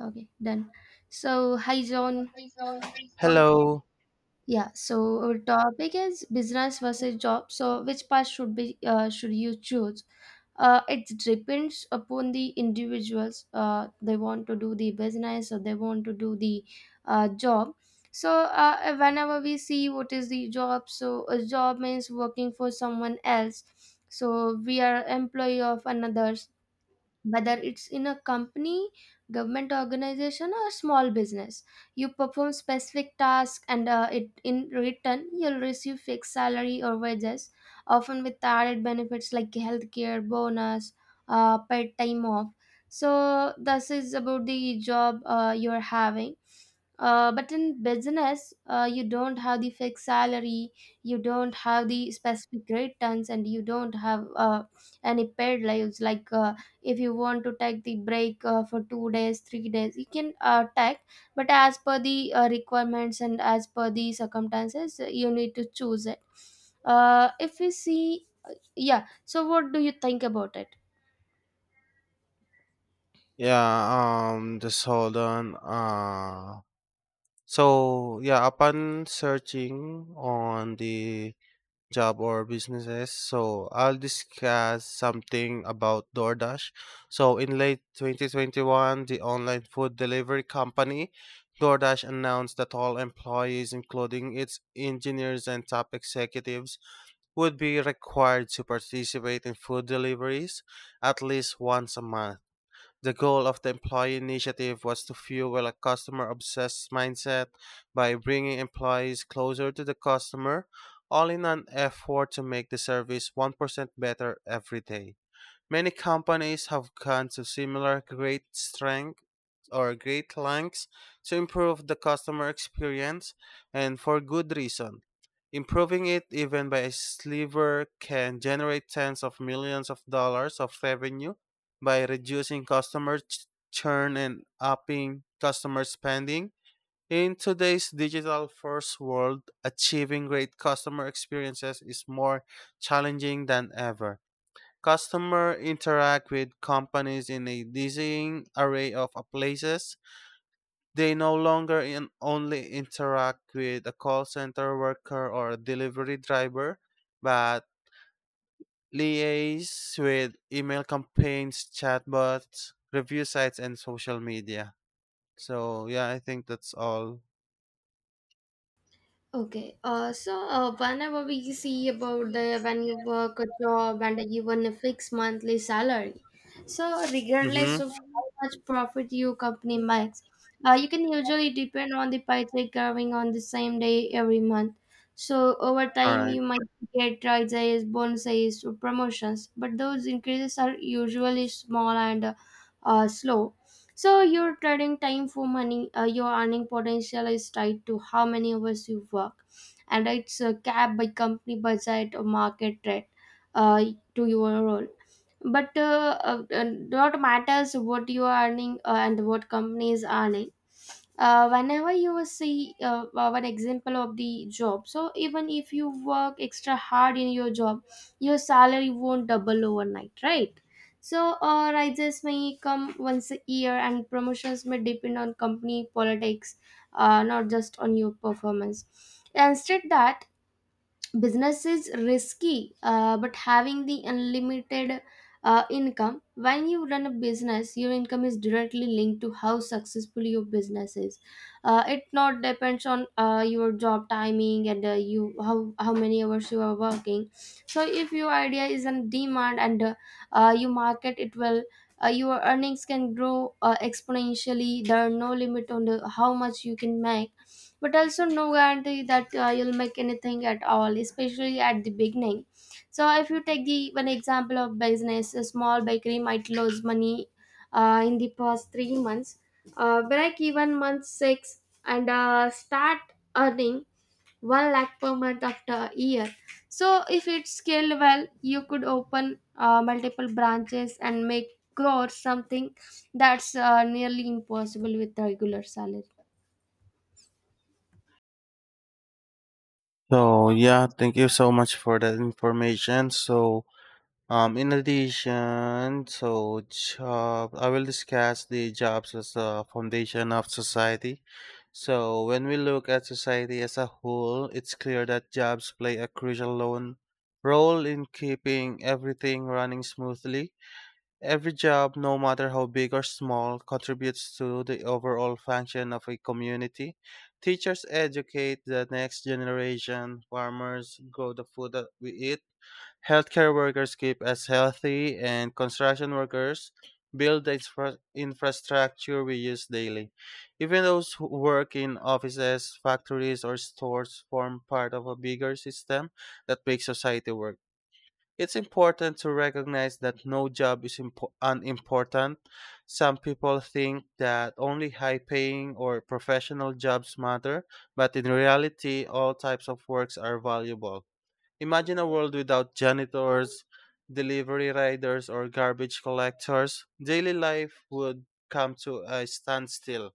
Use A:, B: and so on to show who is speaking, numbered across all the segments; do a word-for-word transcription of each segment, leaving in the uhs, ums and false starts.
A: Okay, done. So, hi, John.
B: Hello.
A: Yeah. So our topic is business versus job. So which path should be uh, should you choose? Uh, it depends upon the individuals. Uh, they want to do the business or they want to do the uh, job. So uh, whenever we see what is the job, so a job means working for someone else. So we are employee of another, whether it's in a company, government organization, or small business. You perform specific tasks and uh, it in return you'll receive fixed salary or wages, often with added benefits like healthcare bonus, uh, paid time off. So this is about the job uh, you're having. Uh, but in business, uh, you don't have the fixed salary, you don't have the specific returns, and you don't have uh, any paid lives. Like uh, if you want to take the break uh, for two days, three days, you can uh, take. But as per the uh, requirements and as per the circumstances, you need to choose it. Uh, if you see, uh, yeah. So what do you think about it?
B: Yeah, um just hold on. Uh so yeah, upon searching on the job or businesses, so I'll discuss something about DoorDash. So in late twenty twenty-one, the online food delivery company DoorDash announced that all employees, including its engineers and top executives, would be required to participate in food deliveries at least once a month. The goal of the employee initiative was to fuel a customer obsessed mindset by bringing employees closer to the customer, all in an effort to make the service one percent better every day. Many companies have gone to similar great strength or great lengths to improve the customer experience and for good reason. Improving it even by a sliver can generate tens of millions of dollars of revenue by reducing customer ch- churn and upping customer spending. In today's digital first world, achieving great customer experiences is more challenging than ever. Customers interact with companies in a dizzying array of places. They no longer in only interact with a call center worker or a delivery driver, but liaise with email campaigns, chatbots, review sites, and social media. So, yeah, I think that's all.
A: Okay. Uh, so uh, whenever we see about the when you work a job and even a fixed monthly salary, so regardless
B: Mm-hmm.
A: of how much profit your company makes, uh, you can usually depend on the paycheck coming on the same day every month. So over
B: All
A: time,
B: right.
A: you might get raises, bonuses, or promotions, but those increases are usually small and uh, slow. So you're trading time for money. Uh, your earning potential is tied to how many hours you work, and it's uh, capped by company budget or market rate uh, to your role. But uh, uh, uh, What matters what you are earning uh, and what company is earning, uh, whenever you see uh, one example of the job. So even if you work extra hard in your job, your salary won't double overnight, right? So uh, rises may come once a year and promotions may depend on company politics, uh, not just on your performance. Instead that business is risky, uh, but having the unlimited uh, income. When you run a business your income is directly linked to how successful your business is. Uh, it not depends on uh, your job timing and uh, you how how many hours you are working. So if your idea is in demand and uh, uh, you market it well, uh, your earnings can grow uh, exponentially. There are no limit on the, how much you can make, but also no guarantee that uh, you'll make anything at all, especially at the beginning. So if you take the one example of business, a small bakery might lose money uh, in the past three months, uh, break even month six, and uh, start earning one lakh per month after a year. So if it's scaled well, you could open uh, multiple branches and make grow something that's uh, nearly impossible with regular salary.
B: So, yeah, thank you so much for that information. So, Um, in addition, so job, I will discuss the jobs as a foundation of society. So when we look at society as a whole, it's clear that jobs play a crucial lone- role in keeping everything running smoothly. Every job, no matter how big or small, contributes to the overall function of a community. Teachers educate the next generation, farmers grow the food that we eat. Healthcare workers keep us healthy, and construction workers build the infra- infrastructure we use daily. Even those who work in offices, factories, or stores form part of a bigger system that makes society work. It's important to recognize that no job is impo- unimportant. Some people think that only high paying or professional jobs matter, but in reality, all types of works are valuable. Imagine a world without janitors, delivery riders, or garbage collectors. Daily life would come to a standstill.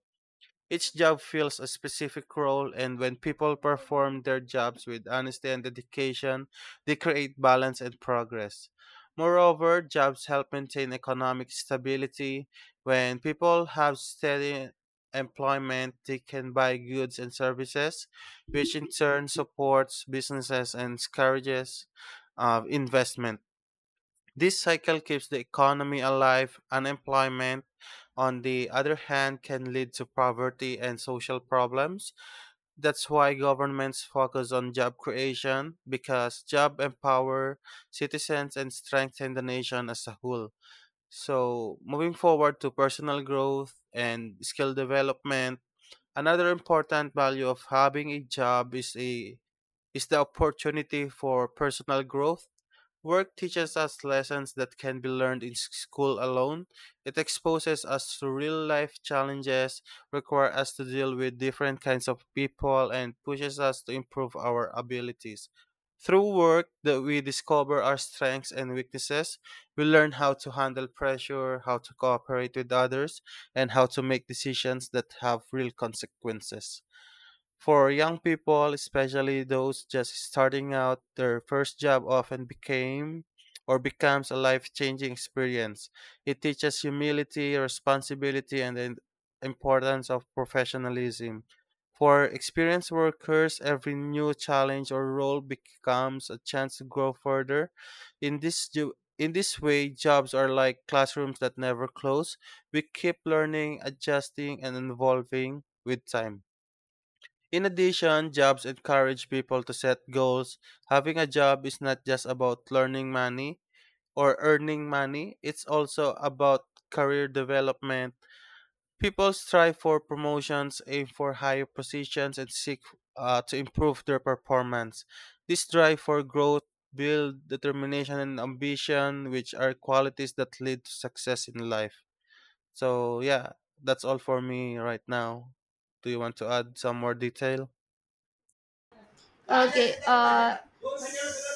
B: Each job fills a specific role, and when people perform their jobs with honesty and dedication, they create balance and progress. Moreover, jobs help maintain economic stability. When people have steady employment, they can buy goods and services, which in turn supports businesses and encourages uh, investment. This cycle keeps the economy alive. Unemployment, on the other hand, can lead to poverty and social problems. That's why governments focus on job creation because job empower citizens and strengthen the nation as a whole. So, moving forward to personal growth and skill development, another important value of having a job is a is the opportunity for personal growth. Work teaches us lessons that can be learned in s- school alone. It exposes us to real life challenges, requires us to deal with different kinds of people, and pushes us to improve our abilities. Through work that we discover our strengths and weaknesses, we learn how to handle pressure, how to cooperate with others, and how to make decisions that have real consequences. For young people, especially those just starting out, their first job often became or becomes a life-changing experience. It teaches humility, responsibility, and the importance of professionalism. For experienced workers, every new challenge or role becomes a chance to grow further. In this ju- in this way, jobs are like classrooms that never close. We keep learning, adjusting, and evolving with time. In addition, jobs encourage people to set goals. Having a job is not just about learning money or earning money, it's also about career development. People strive for promotions, aim for higher positions, and seek uh, to improve their performance. This drive for growth builds determination and ambition, which are qualities that lead to success in life. So, yeah, that's all for me right now. Do you want to add some more detail?
A: okay uh,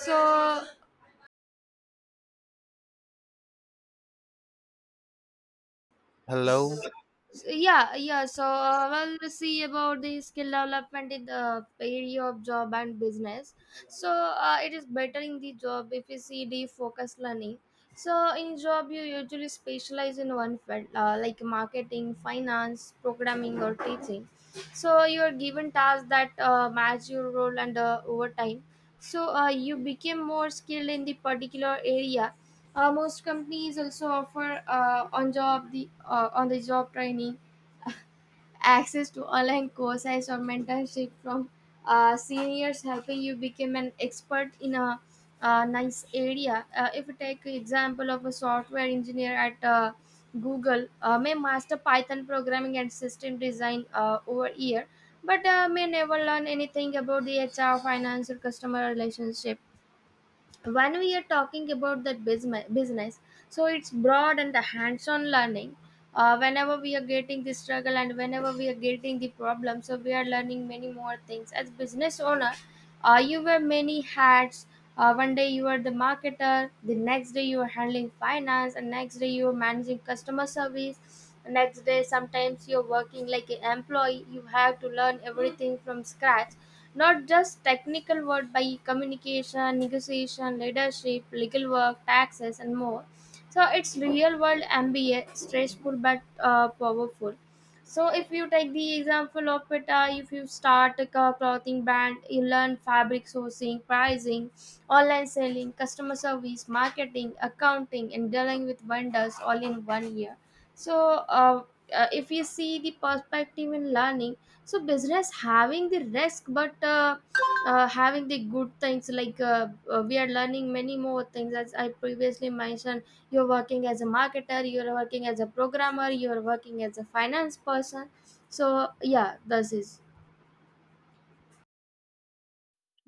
A: so
B: Hello?
A: yeah yeah so uh, we'll see about the skill development in the area of job and business. So uh, it is better in the job if you see the focus learning. So in job you usually specialize in one field, uh, like marketing, finance, programming, or teaching. So you are given tasks that uh, match your role, and uh, over time, so uh, you became more skilled in the particular area. Uh, most companies also offer uh, on job the uh, on the job training, access to online courses, or mentorship from uh, seniors, helping you become an expert in a, uh, nice area. Uh, if you take example of a software engineer at uh, Google, uh, may master Python programming and system design uh, over year, but uh, may never learn anything about the H R, finance, or customer relationship. When we are talking about that business business so it's broad and the hands-on learning. Uh, whenever we are getting the struggle and whenever we are getting the problem, so we are learning many more things as business owner. Uh, you wear many hats. Uh, one day you are the marketer, the next day you are handling finance, and next day you are managing customer service. Next day sometimes you're working like an employee. You have to learn everything from scratch, not just technical work, by communication, negotiation, leadership, legal work, taxes, and more. So it's real world MBA, stressful but uh, powerful. So if you take the example of it, uh, if you start a co- clothing brand, you learn fabric sourcing, pricing, online selling, customer service, marketing, accounting, and dealing with vendors all in one year. so uh, uh, if you see the perspective in learning, so business having the risk but uh, uh, having the good things, like uh, uh, we are learning many more things as I previously mentioned. You're working as a marketer, you're working as a programmer, you're working as a finance person. so yeah this is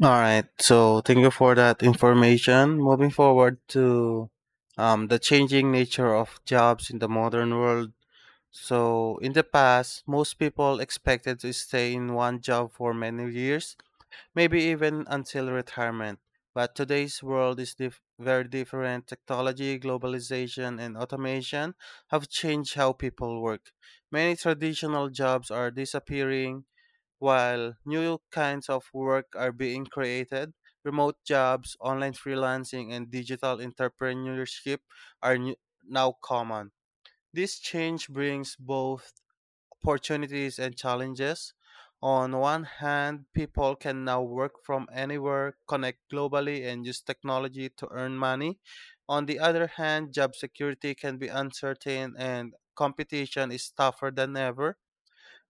B: All right. So thank you for that information. Moving forward to um, the changing nature of jobs in the modern world. So in the past, most people expected to stay in one job for many years, maybe even until retirement. But today's world is dif- very different. Technology, globalization, and automation have changed how people work. Many traditional jobs are disappearing, while new kinds of work are being created, remote jobs, online freelancing, and digital entrepreneurship are new- now common. This change brings both opportunities and challenges. On one hand, people can now work from anywhere, connect globally, and use technology to earn money. On the other hand, job security can be uncertain and competition is tougher than ever.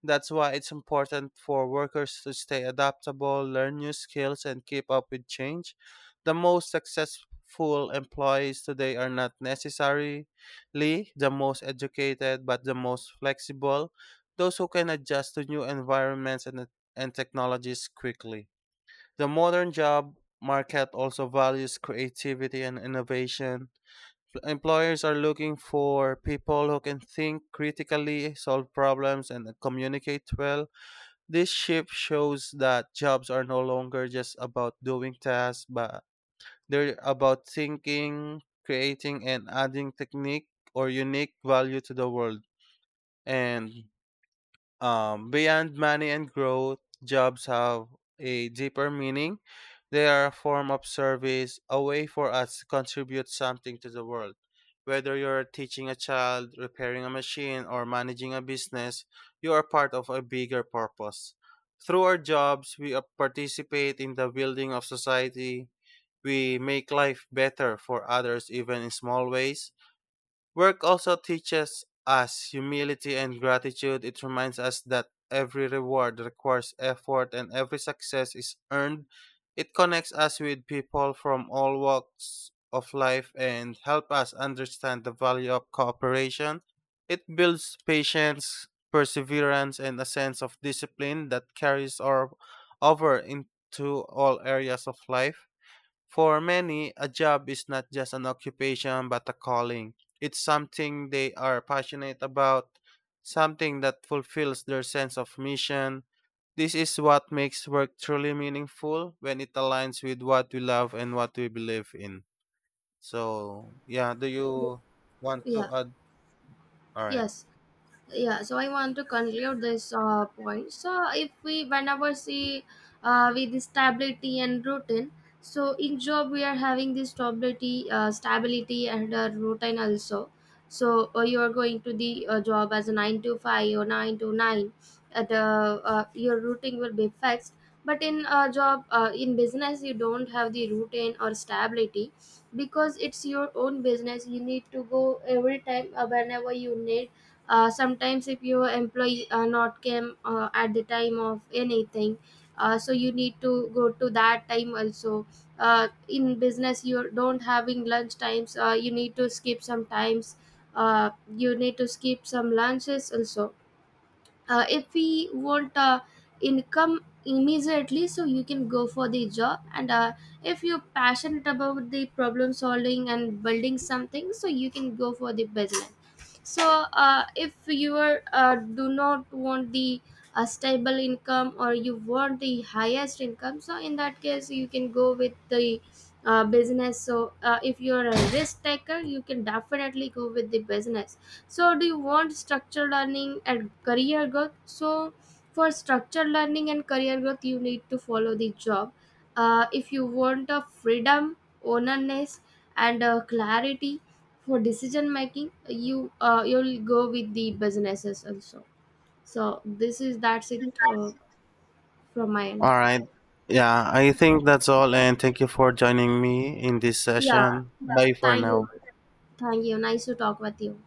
B: That's why it's important for workers to stay adaptable, learn new skills, and keep up with change. The most successful employees today are not necessarily the most educated, but the most flexible, those who can adjust to new environments and, and technologies quickly. The modern job market also values creativity and innovation. Employers are looking for people who can think critically, solve problems, and communicate well. This shift shows that jobs are no longer just about doing tasks, but they're about thinking, creating, and adding technique or unique value to the world. And um, beyond money and growth, jobs have a deeper meaning. They are a form of service, a way for us to contribute something to the world. Whether you're teaching a child, repairing a machine, or managing a business, you are part of a bigger purpose. Through our jobs, we uh, participate in the building of society. We make life better for others, even in small ways. Work also teaches us humility and gratitude. It reminds us that every reward requires effort and every success is earned. It connects us with people from all walks of life and help us understand the value of cooperation. It builds patience, perseverance, and a sense of discipline that carries or over into all areas of life. For many, a job is not just an occupation but a calling. It's something they are passionate about, something that fulfills their sense of mission. This is what makes work truly meaningful when it aligns with what we love and what we believe in. So, yeah, do you want
A: yeah
B: to add? All right.
A: yes yeah so I want to conclude this uh, point. So if we whenever see uh, with the stability and routine, so in job we are having this stability uh, stability and uh, routine also. So uh, you are going to the uh, job as a nine to five or nine to nine. At uh, uh, Your routine will be fixed. But in a job, uh, in business you don't have the routine or stability, because it's your own business you need to go every time uh, whenever you need. Uh, sometimes if your employee uh, not came uh, at the time of anything, uh, so you need to go to that time also. Uh, in business you don't having lunch times. Uh, you need to skip sometimes, uh, you need to skip some lunches also. Uh, if we want uh, income immediately, so you can go for the job, and uh, if you're passionate about the problem solving and building something, so you can go for the business. So uh, if you are uh, do not want the a stable income, or you want the highest income, so in that case you can go with the uh, business. So uh, if you're a risk taker, you can definitely go with the business. So do you want structured learning and career growth? So for structured learning and career growth, you need to follow the job. Uh, if you want a freedom, onerness, and uh, clarity for decision making, you uh, you'll go with the businesses also. So this is that's it uh, from my end.
B: All right. Yeah, I think that's all. And thank you for joining me in this
A: Yeah,
B: session. Bye for
A: thank you,
B: now.
A: thank you. Nice to talk with you.